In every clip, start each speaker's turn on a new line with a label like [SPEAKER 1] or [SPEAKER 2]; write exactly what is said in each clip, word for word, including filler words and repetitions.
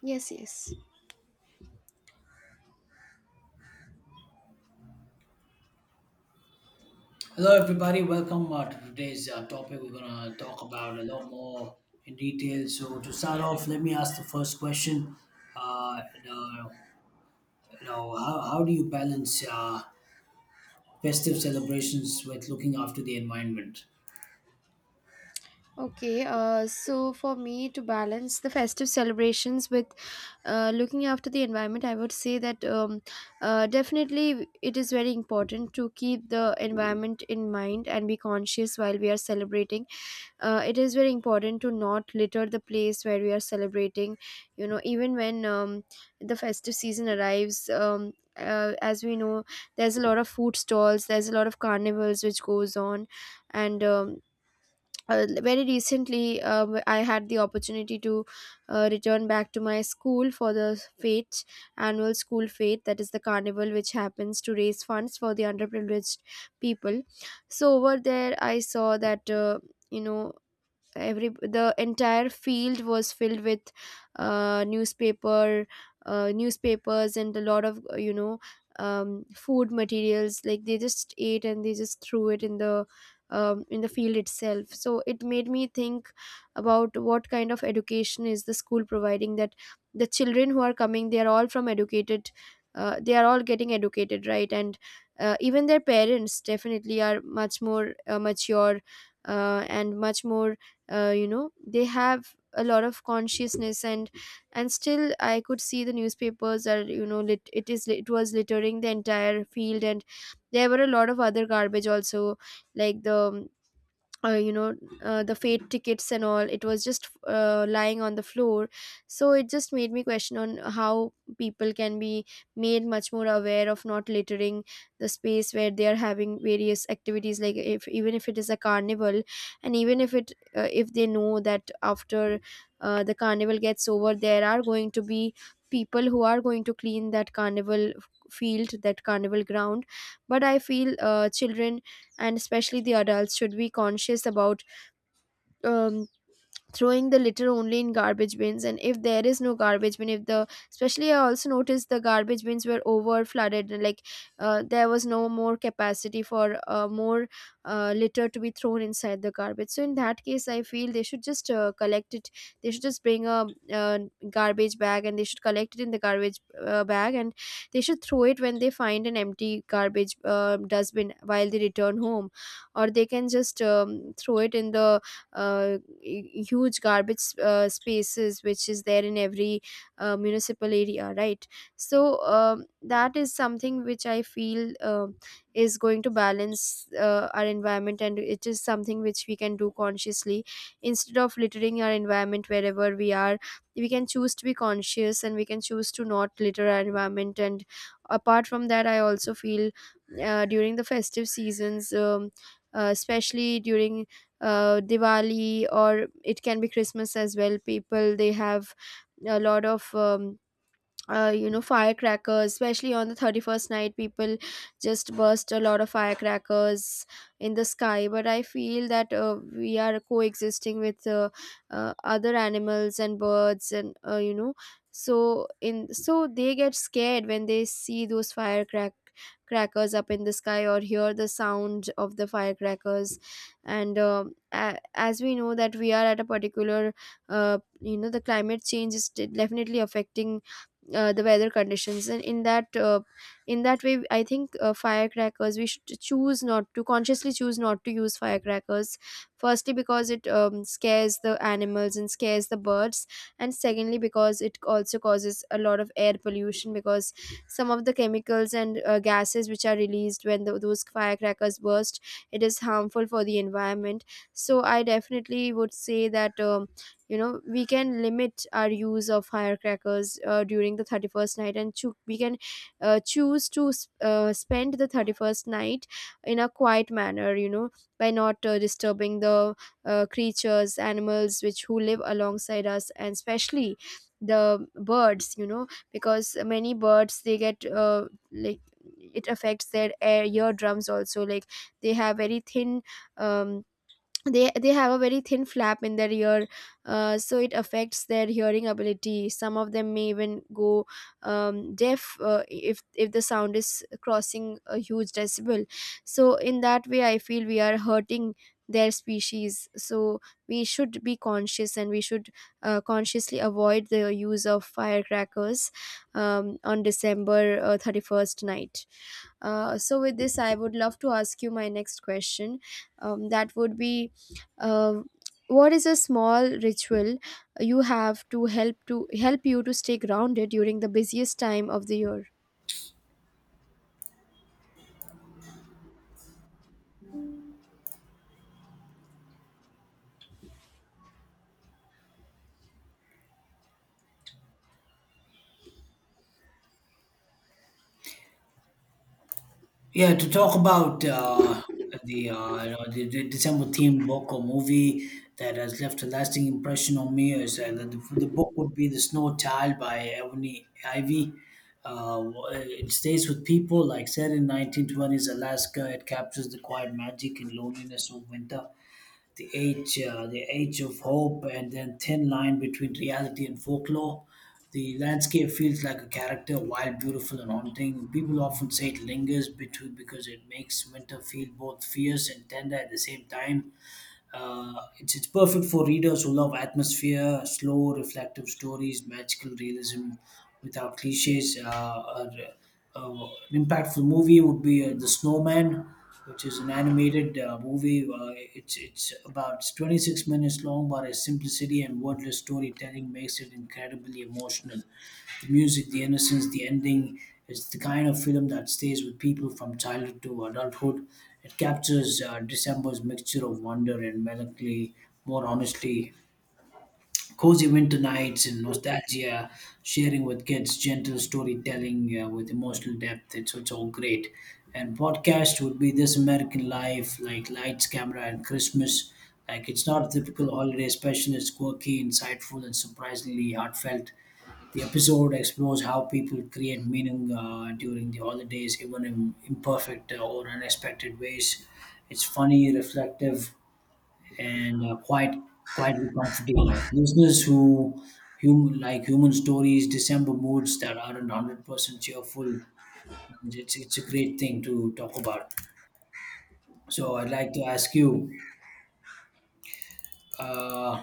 [SPEAKER 1] Yes, yes.
[SPEAKER 2] Hello, everybody. Welcome uh, to today's uh, topic. We're gonna talk about a lot more in detail. So, to start off, let me ask the first question. Uh, you know, you know, how, how do you balance uh, festive celebrations with looking after the environment?
[SPEAKER 1] Okay, uh, so for me to balance the festive celebrations with uh, looking after the environment, I would say that um, uh, definitely it is very important to keep the environment in mind and be conscious while we are celebrating. Uh, it is very important to not litter the place where we are celebrating. You know, even when um, the festive season arrives, um, uh, as we know, there's a lot of food stalls, there's a lot of carnivals which goes on and um, uh, very recently uh, I had the opportunity to uh, return back to my school for the fete, annual school fete, that is the carnival which happens to raise funds for the underprivileged people. So over there, I saw that. Uh, you know every the entire field was filled with uh, newspaper uh, newspapers and a lot of uh, you know um, food materials like they just ate and they just threw it in the um, in the field itself, so it made me think about what kind of education is the school providing that the children who are coming, they are all from educated, uh, they are all getting educated, right? And uh, even their parents definitely are much more uh, mature uh, and much more, uh, you know they have a lot of consciousness, and and still I could see the newspapers are, you know, lit, it is it was littering the entire field, and there were a lot of other garbage also, like the um, uh, you know uh, the fate tickets and all, it was just uh, lying on the floor. So it just made me question on how people can be made much more aware of not littering the space where they are having various activities. Like if even if it is a carnival, and even if it uh, if they know that after uh, the carnival gets over, there are going to be people who are going to clean that carnival field, that carnival ground. But I feel uh, children and especially the adults should be conscious about um, throwing the litter only in garbage bins. And if there is no garbage bin, if the, especially I also noticed the garbage bins were over flooded, like uh, there was no more capacity for uh, more uh, litter to be thrown inside the garbage. So in that case, I feel they should just uh, collect it, they should just bring a uh, garbage bag, and they should collect it in the garbage uh, bag, and they should throw it when they find an empty garbage uh, dustbin while they return home. Or they can just um, throw it in the uh, huge garbage uh, spaces which is there in every uh, municipal area, right? So um, that is something which I feel uh, is going to balance uh, our environment, and it is something which we can do consciously instead of littering our environment wherever we are. We can choose to be conscious, and we can choose to not litter our environment. And apart from that, I also feel uh, during the festive seasons, um, uh, especially during uh, Diwali, or it can be Christmas as well. People, they have a lot of um, uh, you know firecrackers, especially on the thirty-first night people just burst a lot of firecrackers in the sky. But I feel that uh, we are coexisting with uh, uh, other animals and birds and, uh, you know so in so they get scared when they see those firecrack crackers up in the sky or hear the sound of the firecrackers. And um a- as we know that we are at a particular, uh, you know the climate change is de- definitely affecting uh, the weather conditions. And in that uh, in that way, I think uh, firecrackers we should choose not to consciously choose not to use firecrackers, firstly because it um, scares the animals and scares the birds, and secondly because it also causes a lot of air pollution, because some of the chemicals and uh, gases which are released when tho- those firecrackers burst, it is harmful for the environment. So I definitely would say that um, you know, we can limit our use of firecrackers uh, during the thirty-first night, and choo- we can uh, choose to s- uh, spend the thirty-first night in a quiet manner, you know, by not uh, disturbing the uh, creatures, animals which who live alongside us, and especially the birds, you know, because many birds they get uh, like, it affects their air eardrums also, like they have very thin um they they have a very thin flap in their ear. Uh, so it affects their hearing ability. Some of them may even go um, deaf uh, if if the sound is crossing a huge decibel. So in that way, I feel we are hurting their species. So we should be conscious, and we should uh, consciously avoid the use of firecrackers um, on December uh, thirty-first night. Uh, so with this, I would love to ask you my next question, um, that would be, um, what is a small ritual you have to help to help you to stay grounded during the busiest time of the year?
[SPEAKER 2] Yeah, to talk about uh, the, uh, you know, the the December themed book or movie that has left a lasting impression on me is uh, the, the book would be The Snow Child by Ebony Ivy. Uh, it stays with people like set in nineteen twenties Alaska. It captures the quiet magic and loneliness of winter the age, uh, the age of hope, and then thin line between reality and folklore. The landscape feels like a character, wild, beautiful, and haunting. People often say it lingers between because it makes winter feel both fierce and tender at the same time. Uh, it's, it's perfect for readers who love atmosphere, slow, reflective stories, magical realism without cliches. Uh, uh, uh, an impactful movie would be uh, The Snowman, which is an animated uh, movie. Uh, it's, it's about twenty-six minutes long, but its simplicity and wordless storytelling makes it incredibly emotional the music, the innocence, the ending. It's the kind of film that stays with people from childhood to adulthood. It captures uh, December's mixture of wonder and melancholy more honestly. Cozy winter nights and nostalgia, sharing with kids, gentle storytelling uh, with emotional depth. It's, it's all great. And podcast would be This American Life, like Lights, Camera, and Christmas. Like it's not a typical holiday special. It's quirky, insightful, and surprisingly heartfelt. The episode explores how people create meaning uh, during the holidays, even in imperfect uh, or unexpected ways. It's funny, reflective, and uh, quite quietly comforting. Listeners who hum, like human stories, December moods that aren't hundred percent cheerful. It's it's a great thing to talk about. So I'd like to ask you, uh,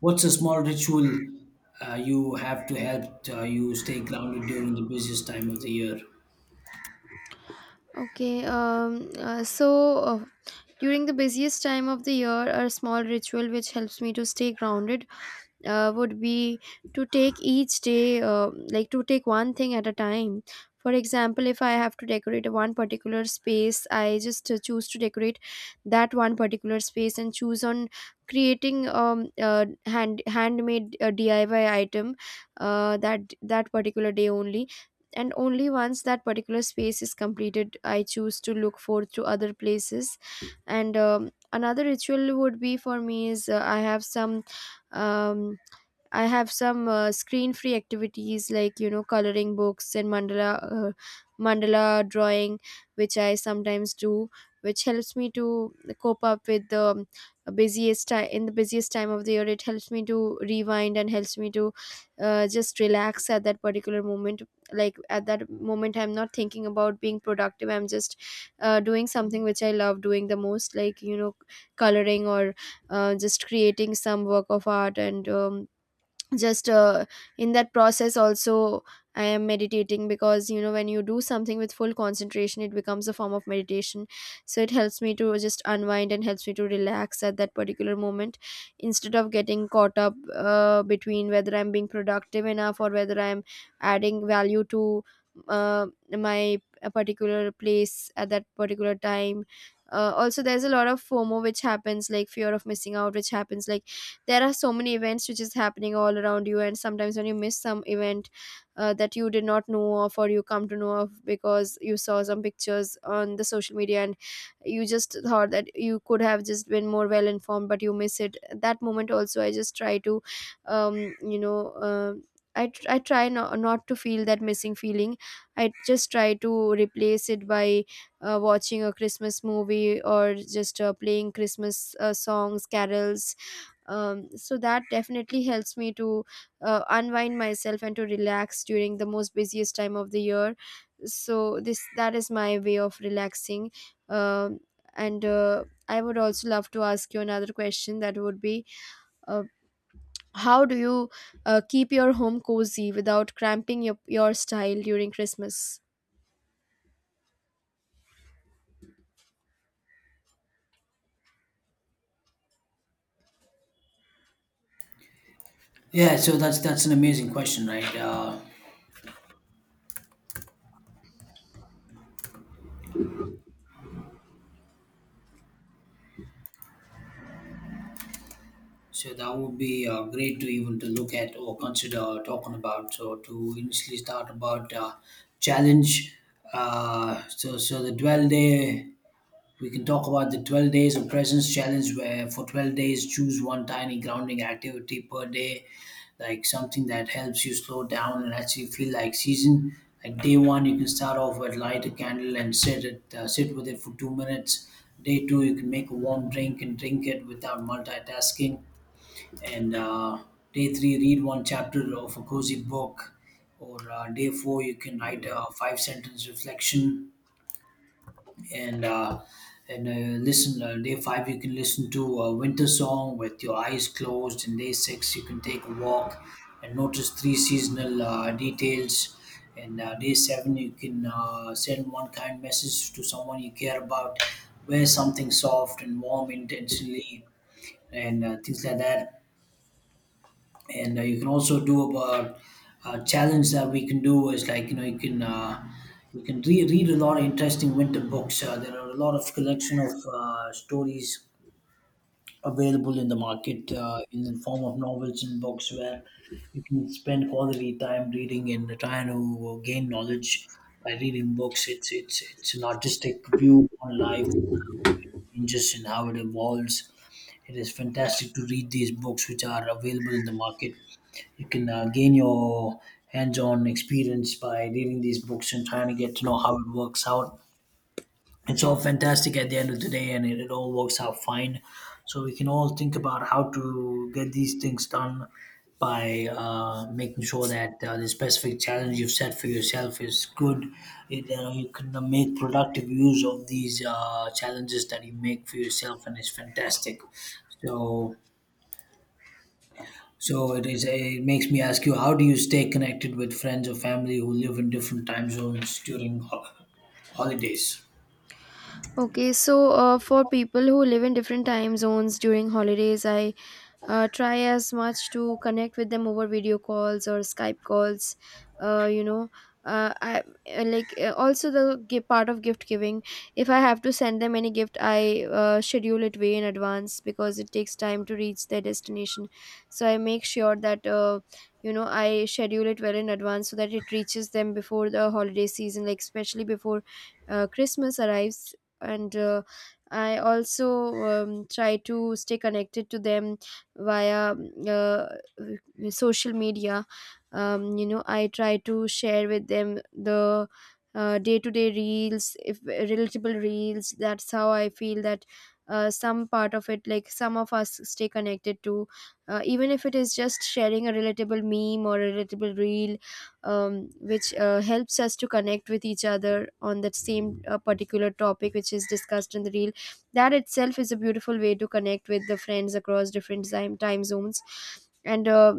[SPEAKER 2] what's a small ritual uh, you have to help uh, you stay grounded during the busiest time of the year?
[SPEAKER 1] Okay, um, uh, so uh, during the busiest time of the year, a small ritual which helps me to stay grounded uh, would be to take each day, uh, like to take one thing at a time. For example, if I have to decorate one particular space, I just uh, choose to decorate that one particular space and choose on creating um uh, hand handmade uh, D I Y item uh, that that particular day only. And only once that particular space is completed, I choose to look forth to other places. And um, another ritual would be, for me, is uh, I have some um, I have some uh, screen-free activities, like you know, coloring books and mandala, uh, mandala drawing, which I sometimes do, which helps me to cope up with the um, busiest time, in the busiest time of the year. It helps me to rewind and helps me to uh, just relax at that particular moment. Like at that moment, I'm not thinking about being productive. I'm just uh, doing something which I love doing the most, like you know, coloring or uh, just creating some work of art. And um, just uh, in that process also I am meditating, because you know, when you do something with full concentration, it becomes a form of meditation. So it helps me to just unwind and helps me to relax at that particular moment, instead of getting caught up uh, between whether I'm being productive enough or whether I'm adding value to uh, my a particular place at that particular time. Uh, also, there's a lot of FOMO which happens, like fear of missing out, which happens, like there are so many events which is happening all around you, and sometimes when you miss some event uh, that you did not know of, or you come to know of because you saw some pictures on the social media, and you just thought that you could have just been more well informed, but you miss it. That moment also, I just try to um, you know uh, I, tr- I try not, not to feel that missing feeling. I just try to replace it by uh, watching a Christmas movie or just uh, playing Christmas uh, songs, carols, um, so that definitely helps me to uh, unwind myself and to relax during the most busiest time of the year. So this, that is my way of relaxing. um, and uh, I would also love to ask you another question, that would be, uh, how do you uh, keep your home cozy without cramping your, your style during Christmas?
[SPEAKER 2] Yeah, so that's that's an amazing question, right? Uh, so that would be uh, great to even to look at or consider talking about. So to initially start about uh, challenge. Uh, so so the dwell day We can talk about the twelve days of presence challenge, where for twelve days, choose one tiny grounding activity per day, like something that helps you slow down and actually feel like season. Like day one, you can start off with light a candle and sit it, uh, sit with it for two minutes. Day two, you can make a warm drink and drink it without multitasking. And uh, Day three, read one chapter of a cozy book. Or uh, day four, you can write a five sentence reflection and uh, and uh, listen uh, day five you can listen to a winter song with your eyes closed, and day six you can take a walk and notice three seasonal uh, details, and uh, day seven you can uh, send one kind message to someone you care about, wear something soft and warm intentionally, and uh, things like that. And uh, you can also do about uh, challenge that we can do is like, you know, you can uh, you can re- read a lot of interesting winter books. Uh, there are a lot of collection of uh, stories available in the market uh, in the form of novels and books where you can spend quality time reading and trying to gain knowledge by reading books. It's it's it's an artistic view on life changes and how it evolves. It is fantastic to read these books, which are available in the market. You can uh, gain your hands-on experience by reading these books and trying to get to know how it works out. It's all fantastic at the end of the day, and it, it all works out fine. So we can all think about how to get these things done by uh, making sure that uh, the specific challenge you've set for yourself is good. It, uh, you can uh, make productive use of these uh, challenges that you make for yourself, and it's fantastic. so so it is, it makes me ask you, how do you stay connected with friends or family who live in different time zones during ho- holidays?
[SPEAKER 1] Okay, so uh, for people who live in different time zones during holidays, I uh, try as much to connect with them over video calls or Skype calls, uh, you know uh, I uh, like, uh, also the gi- part of gift giving. If I have to send them any gift, I uh, schedule it way in advance, because it takes time to reach their destination. So I make sure that, uh, you know, I schedule it well in advance so that it reaches them before the holiday season, like especially before uh, Christmas arrives. And uh, I also um, try to stay connected to them via uh, uh, social media. um, you know I try to share with them the uh, day-to-day reels, if relatable reels. That's how I feel that uh, some part of it, like some of us stay connected to, uh, even if it is just sharing a relatable meme or a relatable reel, um, which uh, helps us to connect with each other on that same uh, particular topic which is discussed in the reel. That itself is a beautiful way to connect with the friends across different time, time zones. And uh,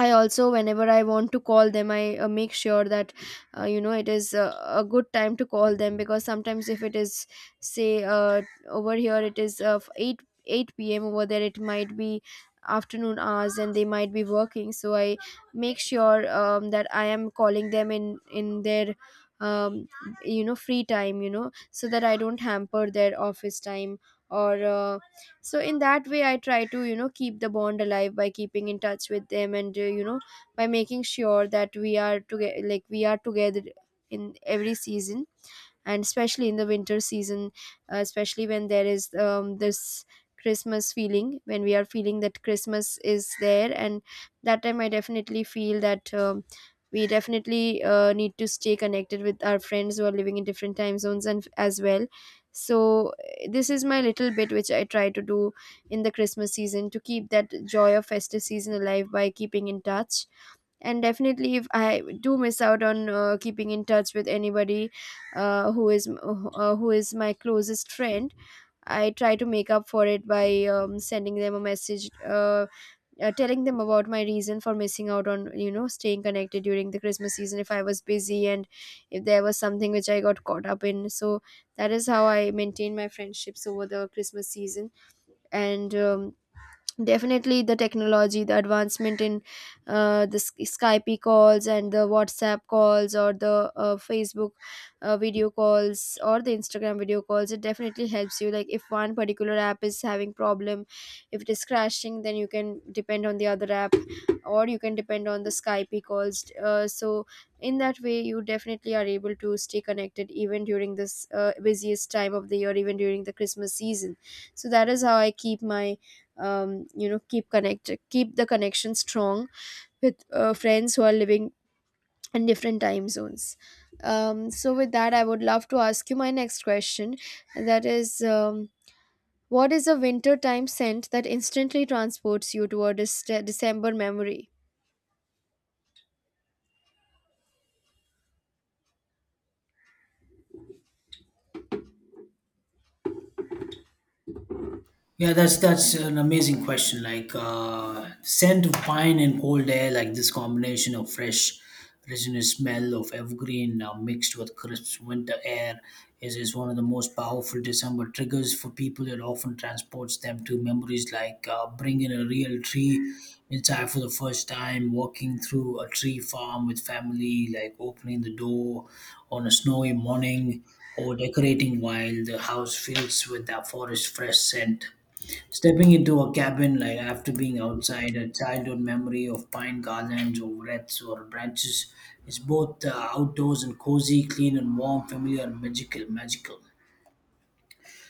[SPEAKER 1] I also, whenever I want to call them, I uh, make sure that, uh, you know it is uh, a good time to call them, because sometimes if it is, say, uh, over here it is uh, eight eight p.m. Over there, it might be afternoon hours and they might be working. So I make sure um, that I am calling them in in their, um, you know free time, you know, so that I don't hamper their office time or. Uh, so in that way I try to, you know, keep the bond alive by keeping in touch with them, and uh, you know by making sure that we are together, like we are together in every season, and especially in the winter season, uh, especially when there is um, this Christmas feeling, when we are feeling that Christmas is there. And that time I definitely feel that, um, we definitely uh, need to stay connected with our friends who are living in different time zones and as well. So eh, this is my little bit which I try to do in the Christmas season to keep that joy of festive season alive by keeping in touch. And definitely, if I do miss out on uh, keeping in touch with anybody, uh, who is uh, who is my closest friend, I try to make up for it by um, sending them a message, uh, uh, telling them about my reason for missing out on, you know, staying connected during the Christmas season, if I was busy and if there was something which I got caught up in. So that is how I maintain my friendships over the Christmas season. And um, definitely, the technology, the advancement in, uh, the Sk- skype calls and the WhatsApp calls, or the uh, Facebook uh, video calls, or the Instagram video calls, it definitely helps you. Like, if one particular app is having problem, if it is crashing, then you can depend on the other app, or you can depend on the Skype calls. Uh, so in that way you definitely are able to stay connected even during this uh, busiest time of the year, even during the Christmas season. So that is how I keep my, um, you know keep connect keep the connection strong with uh, friends who are living in different time zones. Um, so with that, I would love to ask you my next question, and that is, um, what is a winter time scent that instantly transports you toward a dec- December memory?
[SPEAKER 2] Yeah, that's that's an amazing question. Like uh, scent of pine and cold air, like this combination of fresh, resinous smell of evergreen uh, mixed with crisp winter air, is is one of the most powerful December triggers for people. It often transports them to memories like uh, bringing a real tree inside for the first time, walking through a tree farm with family, like opening the door on a snowy morning, or decorating while the house fills with that forest fresh scent. Stepping into a cabin like after being outside, a childhood memory of pine garlands or wreaths or branches is both uh, outdoors and cozy, clean and warm, familiar and magical, magical.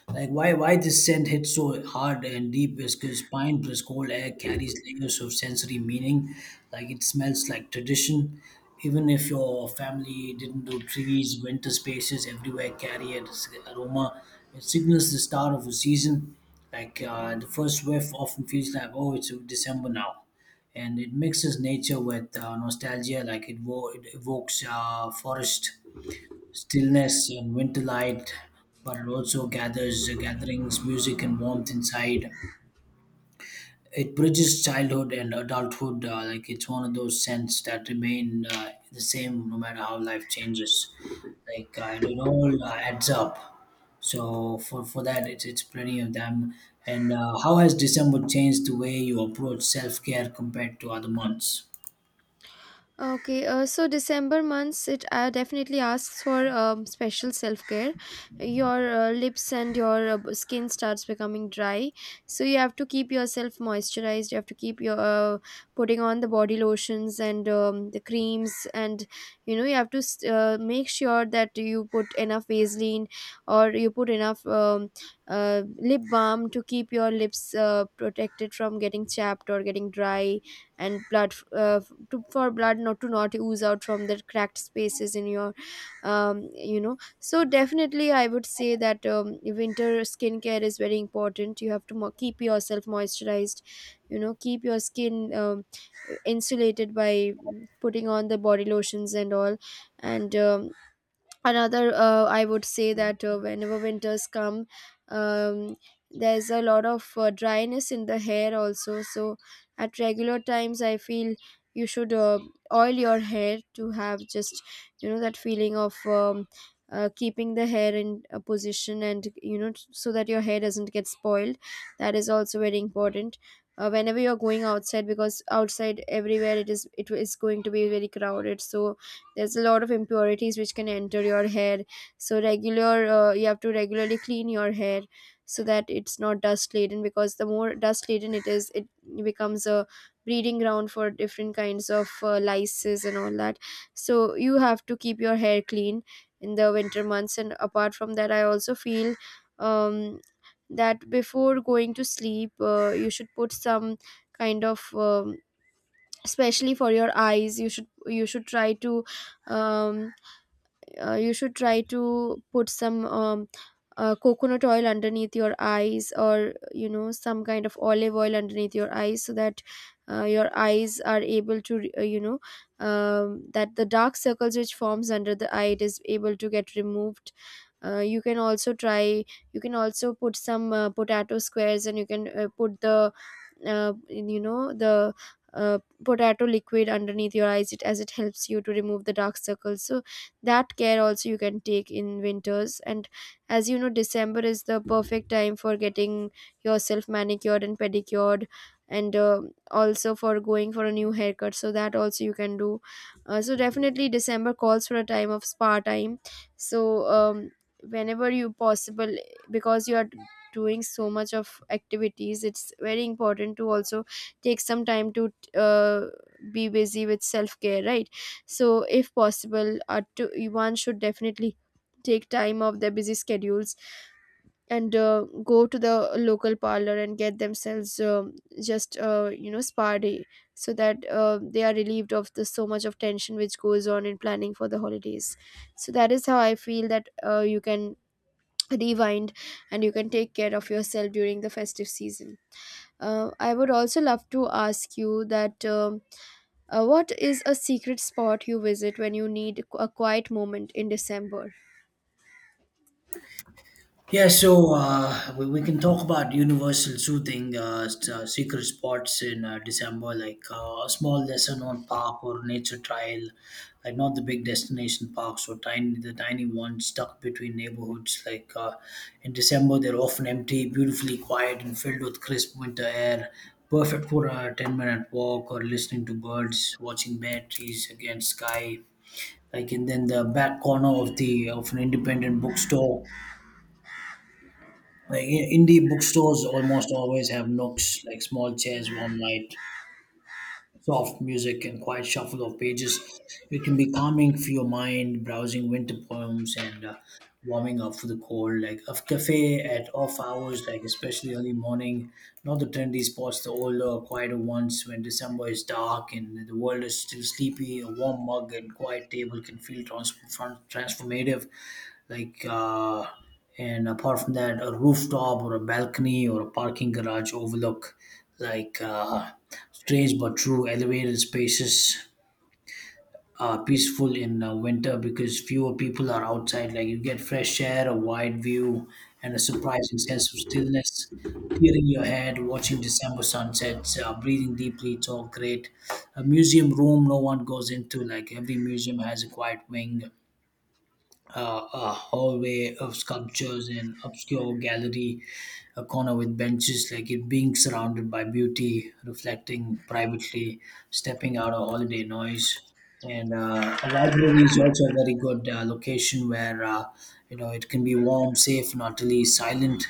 [SPEAKER 2] Like why why this scent hits so hard and deep is because pine plus cold air carries layers of sensory meaning. Like it smells like tradition. Even if your family didn't do trees, winter spaces everywhere carry an aroma. It signals the start of a season. Like uh, the first whiff often feels like, oh, it's December now. And it mixes nature with uh, nostalgia, like it, wo- it evokes uh, forest stillness and winter light, but it also gathers gatherings, music and warmth inside. It bridges childhood and adulthood. Uh, like it's one of those scents that remain uh, the same no matter how life changes. Like uh, and it all uh, adds up. So for for that, it's it's plenty of them. And uh, how has December changed the way you approach self care compared to other months?
[SPEAKER 1] Okay, uh, so December months, it uh, definitely asks for um, special self care. Your uh, lips and your uh, b- skin starts becoming dry, so you have to keep yourself moisturized. You have to keep your, uh, putting on the body lotions and um, the creams, and you know you have to s- uh, make sure that you put enough Vaseline, or you put enough um, uh, lip balm to keep your lips uh, protected from getting chapped or getting dry, and blood, uh, to, for blood not to not ooze out from the cracked spaces in your, um, you know so definitely I would say that, um, winter skincare is very important. You have to mo- keep yourself moisturized, you know, keep your skin um, insulated by, mm, putting on the body lotions and all. And um, another, uh, I would say that, uh, whenever winters come, um, there's a lot of uh, dryness in the hair also. So at regular times I feel you should uh, oil your hair, to have just, you know, that feeling of, um, uh, keeping the hair in a position, and, you know, so that your hair doesn't get spoiled. That is also very important. Uh, whenever you're going outside, because outside everywhere it is it is going to be very crowded, so there's a lot of impurities which can enter your hair. So regular, uh, you have to regularly clean your hair, so that it's not dust laden, because the more dust laden it is, it becomes a breeding ground for different kinds of uh, lices and all that. So you have to keep your hair clean in the winter months. And apart from that, I also feel, um, that before going to sleep, uh, you should put some kind of, um, especially for your eyes, you should you should try to, um, uh, you should try to put some, um, uh, coconut oil underneath your eyes, or, you know, some kind of olive oil underneath your eyes, so that uh, your eyes are able to, re- uh, you know um, that the dark circles which forms under the eye, it is able to get removed. uh, you can also try you can also put some uh, potato squares, and you can uh, put the, uh, you know the uh, potato liquid underneath your eyes, it as it helps you to remove the dark circles. So that care also you can take in winters. And as you know, December is the perfect time for getting yourself manicured and pedicured, and uh, also for going for a new haircut, so that also you can do. Uh, so definitely December calls for a time of spa time. So um, whenever you possible, because you are doing so much of activities, it's very important to also take some time to uh, be busy with self care, right? So if possible, uh, to, one should definitely take time off their busy schedules, and uh, go to the local parlor and get themselves, um, just, uh, you know spa day, so that uh, they are relieved of the so much of tension which goes on in planning for the holidays. So that is how I feel that, uh, you can rewind and you can take care of yourself during the festive season. uh, I would also love to ask you that, um uh, what is a secret spot you visit when you need a quiet moment in December?
[SPEAKER 2] Yeah, so uh, we, we can talk about universal soothing uh, s- uh, secret spots in uh, December, like uh, a small lesser-known park or nature trail, like not the big destination parks or tiny the tiny ones stuck between neighborhoods. Like uh, in December, they're often empty, beautifully quiet, and filled with crisp winter air. Perfect for a ten-minute walk or listening to birds, watching bare trees against sky. Like, and then the back corner of the of an independent bookstore. Like i- indie bookstores almost always have nooks like small chairs, warm light, soft music and quiet shuffle of pages. It can be calming for your mind, browsing winter poems and uh, warming up for the cold. Like a cafe at off hours, like especially early morning, not the trendy spots, the older, quieter ones when December is dark and the world is still sleepy. A warm mug and quiet table can feel trans- fran- transformative. Like, uh, and apart from that, a rooftop or a balcony or a parking garage overlook. like. Uh, Strange but true, elevated spaces are peaceful in uh, winter because fewer people are outside. Like you get fresh air, a wide view, and a surprising sense of stillness. Clearing your head, watching December sunsets, uh, breathing deeply, it's all great. A museum room no one goes into, like every museum has a quiet wing, uh, a hallway of sculptures in obscure gallery, a corner with benches, like it being surrounded by beauty, reflecting privately, stepping out of holiday noise. And uh, a library is also a very good uh, location where, uh, you know, it can be warm, safe, and utterly silent.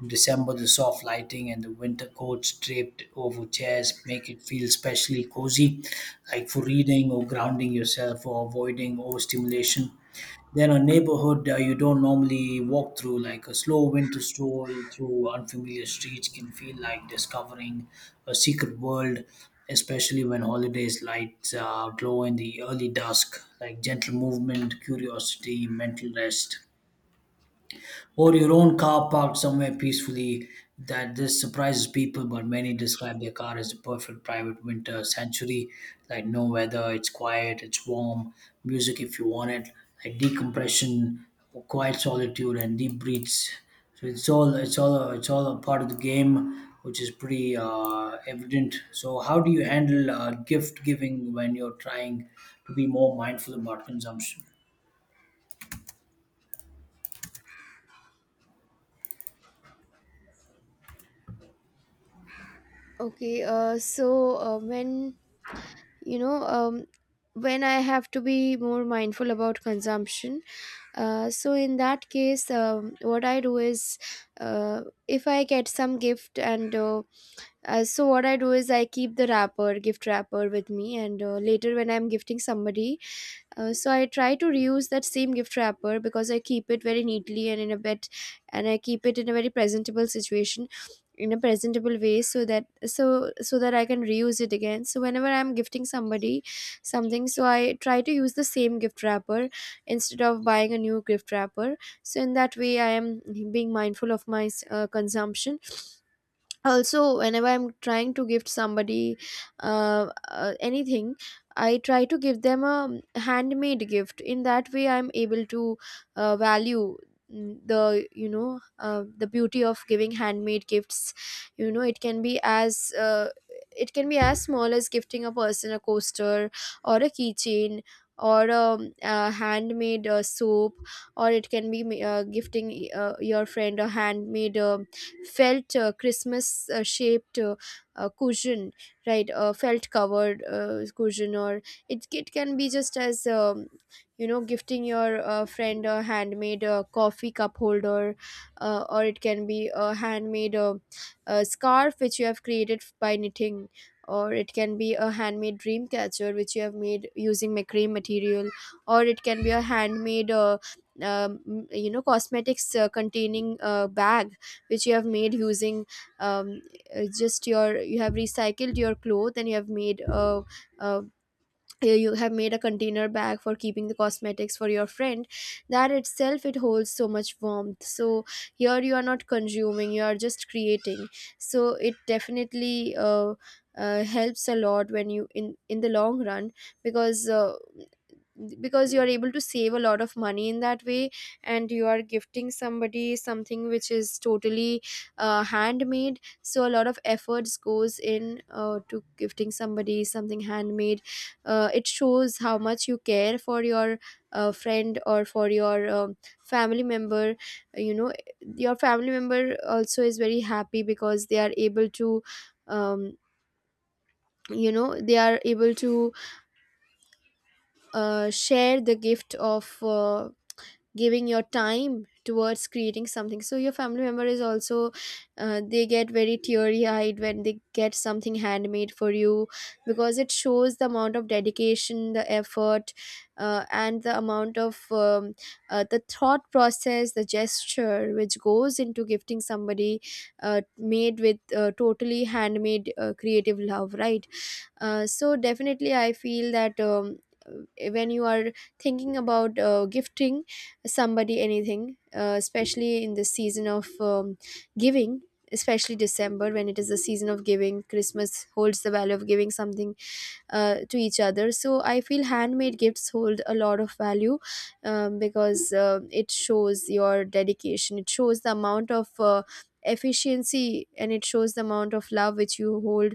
[SPEAKER 2] In December, the soft lighting and the winter coats draped over chairs make it feel especially cozy, like for reading or grounding yourself or avoiding overstimulation. Then a neighborhood uh, you don't normally walk through, like a slow winter stroll through unfamiliar streets, can feel like discovering a secret world, especially when holidays lights uh, glow in the early dusk, like gentle movement, curiosity, mental rest, or your own car parked somewhere peacefully. That this surprises people, but many describe their car as the perfect private winter sanctuary, like no weather, it's quiet, it's warm, music if you want it, like decompression, quiet solitude and deep breaths. So it's all it's all a, it's all a part of the game, which is pretty uh, evident. So how do you handle uh, gift giving when you're trying to be more mindful about consumption?
[SPEAKER 1] Okay, uh, so, uh, when you know, um, when I have to be more mindful about consumption, uh, so in that case, um, what I do is, uh, if I get some gift, and uh, uh, so what I do is, I keep the wrapper, gift wrapper, with me, and uh, later when I'm gifting somebody, Uh, so I try to reuse that same gift wrapper, because I keep it very neatly and in a bit, and I keep it in a very presentable situation, in a presentable way, so that so so that I can reuse it again. So whenever I'm gifting somebody something, so I try to use the same gift wrapper instead of buying a new gift wrapper. So in that way, I am being mindful of my uh, consumption. Also, whenever I'm trying to gift somebody uh, uh, anything, I try to give them a handmade gift. In that way, I'm able to uh, value, mm, the you know uh, the beauty of giving handmade gifts. You know, it can be as uh, it can be as small as gifting a person a coaster, or a keychain, or a, a handmade uh, soap, or it can be ma- uh, gifting uh, your friend a handmade, uh, felt, uh, Christmas, uh, shaped, uh, uh, cushion, right? Uh, felt covered, uh, cushion, or it, it can be just as, um, you know, gifting your uh, friend a handmade uh, coffee cup holder, uh, or it can be a handmade uh, uh, scarf which you have created by knitting. Or it can be a handmade dream catcher which you have made using macrame material, or it can be a handmade uh, um, you know cosmetics uh, containing uh, bag which you have made using um, uh, just your you have recycled your cloth and you have made a, a you you have made a container bag for keeping the cosmetics for your friend. That itself, it holds so much warmth. So here you are not consuming, you are just creating, so it definitely uh, uh, helps a lot when you in in the long run, because uh, because you are able to save a lot of money in that way, and you are gifting somebody something which is totally uh, handmade. So a lot of efforts goes in uh, to gifting somebody something handmade. Uh, it shows how much you care for your uh, friend or for your um, family member, you know. Your family member also is very happy because they are able to um, you know, they are able to uh, share the gift of uh, giving your time towards creating something. So your family member is also, uh, they get very teary eyed when they get something handmade for you, because it shows the amount of dedication, the effort, uh, and the amount of um, uh, the thought process, the gesture which goes into gifting somebody uh, made with uh, totally handmade uh, creative love, right? Uh, so definitely, I feel that um, uh, when you are thinking about uh, gifting somebody anything, uh, especially in the season of um, giving, especially December when it is the season of giving, Christmas holds the value of giving something uh, to each other. So I feel handmade gifts hold a lot of value, um, because uh, it shows your dedication, it shows the amount of uh, efficiency, and it shows the amount of love which you hold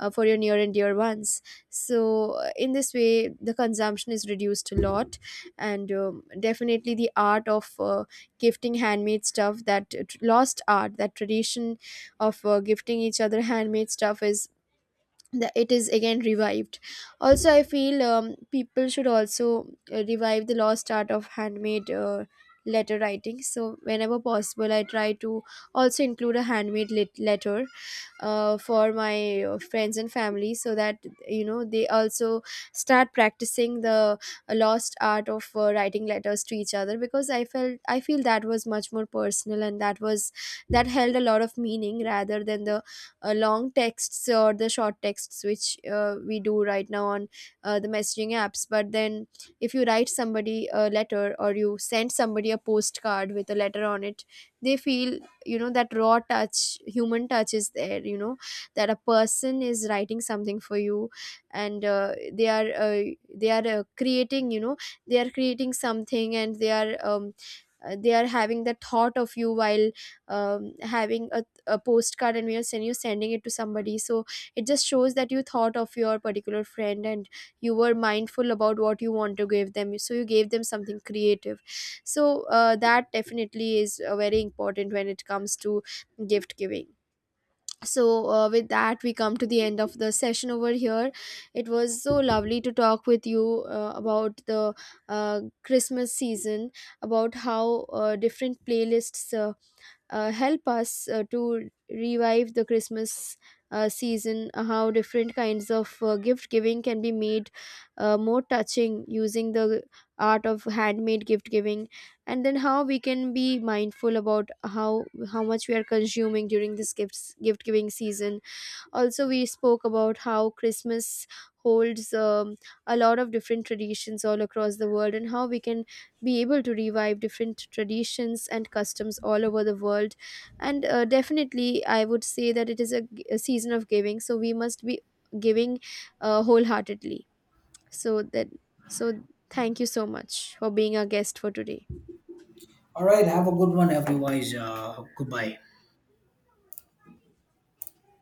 [SPEAKER 1] uh, for your near and dear ones. So uh, in this way the consumption is reduced a lot, and um, definitely the art of uh, gifting handmade stuff, that t- lost art, that tradition of uh, gifting each other handmade stuff is the, it is again revived. Also I feel, um, people should also uh, revive the lost art of handmade uh, letter writing. So whenever possible, I try to also include a handmade lit- letter uh, for my uh, friends and family, so that you know they also start practicing the lost art of uh, writing letters to each other, because i felt I feel that was much more personal, and that was, that held a lot of meaning rather than the uh, long texts or the short texts which uh, we do right now on uh, the messaging apps. But then if you write somebody a letter, or you send somebody a postcard with a letter on it, they feel, you know, that raw touch, human touch is there, you know, that a person is writing something for you, and uh, they are uh, they are uh, creating, you know, they are creating something, and they are um, uh, they are having the thought of you while um, having a, a postcard and we are sending you sending it to somebody. So it just shows that you thought of your particular friend, and you were mindful about what you want to give them, so you gave them something creative. So uh, that definitely is uh, very important when it comes to gift giving. So uh, with that we come to the end of the session over here. It was so lovely to talk with you uh, about the uh, Christmas season, about how uh, different playlists uh, uh, help us uh, to revive the Christmas uh, season, uh, how different kinds of uh, gift giving can be made uh, more touching using the art of handmade gift giving, and then how we can be mindful about how how much we are consuming during this gifts gift giving season. Also we spoke about how Christmas holds um, a lot of different traditions all across the world, and how we can be able to revive different traditions and customs all over the world. And uh, definitely I would say that it is a, g- a season of giving, so we must be giving uh, wholeheartedly, so that, so thank you so much for being our guest for today.
[SPEAKER 2] All right, have a good one, everyone. Uh, goodbye.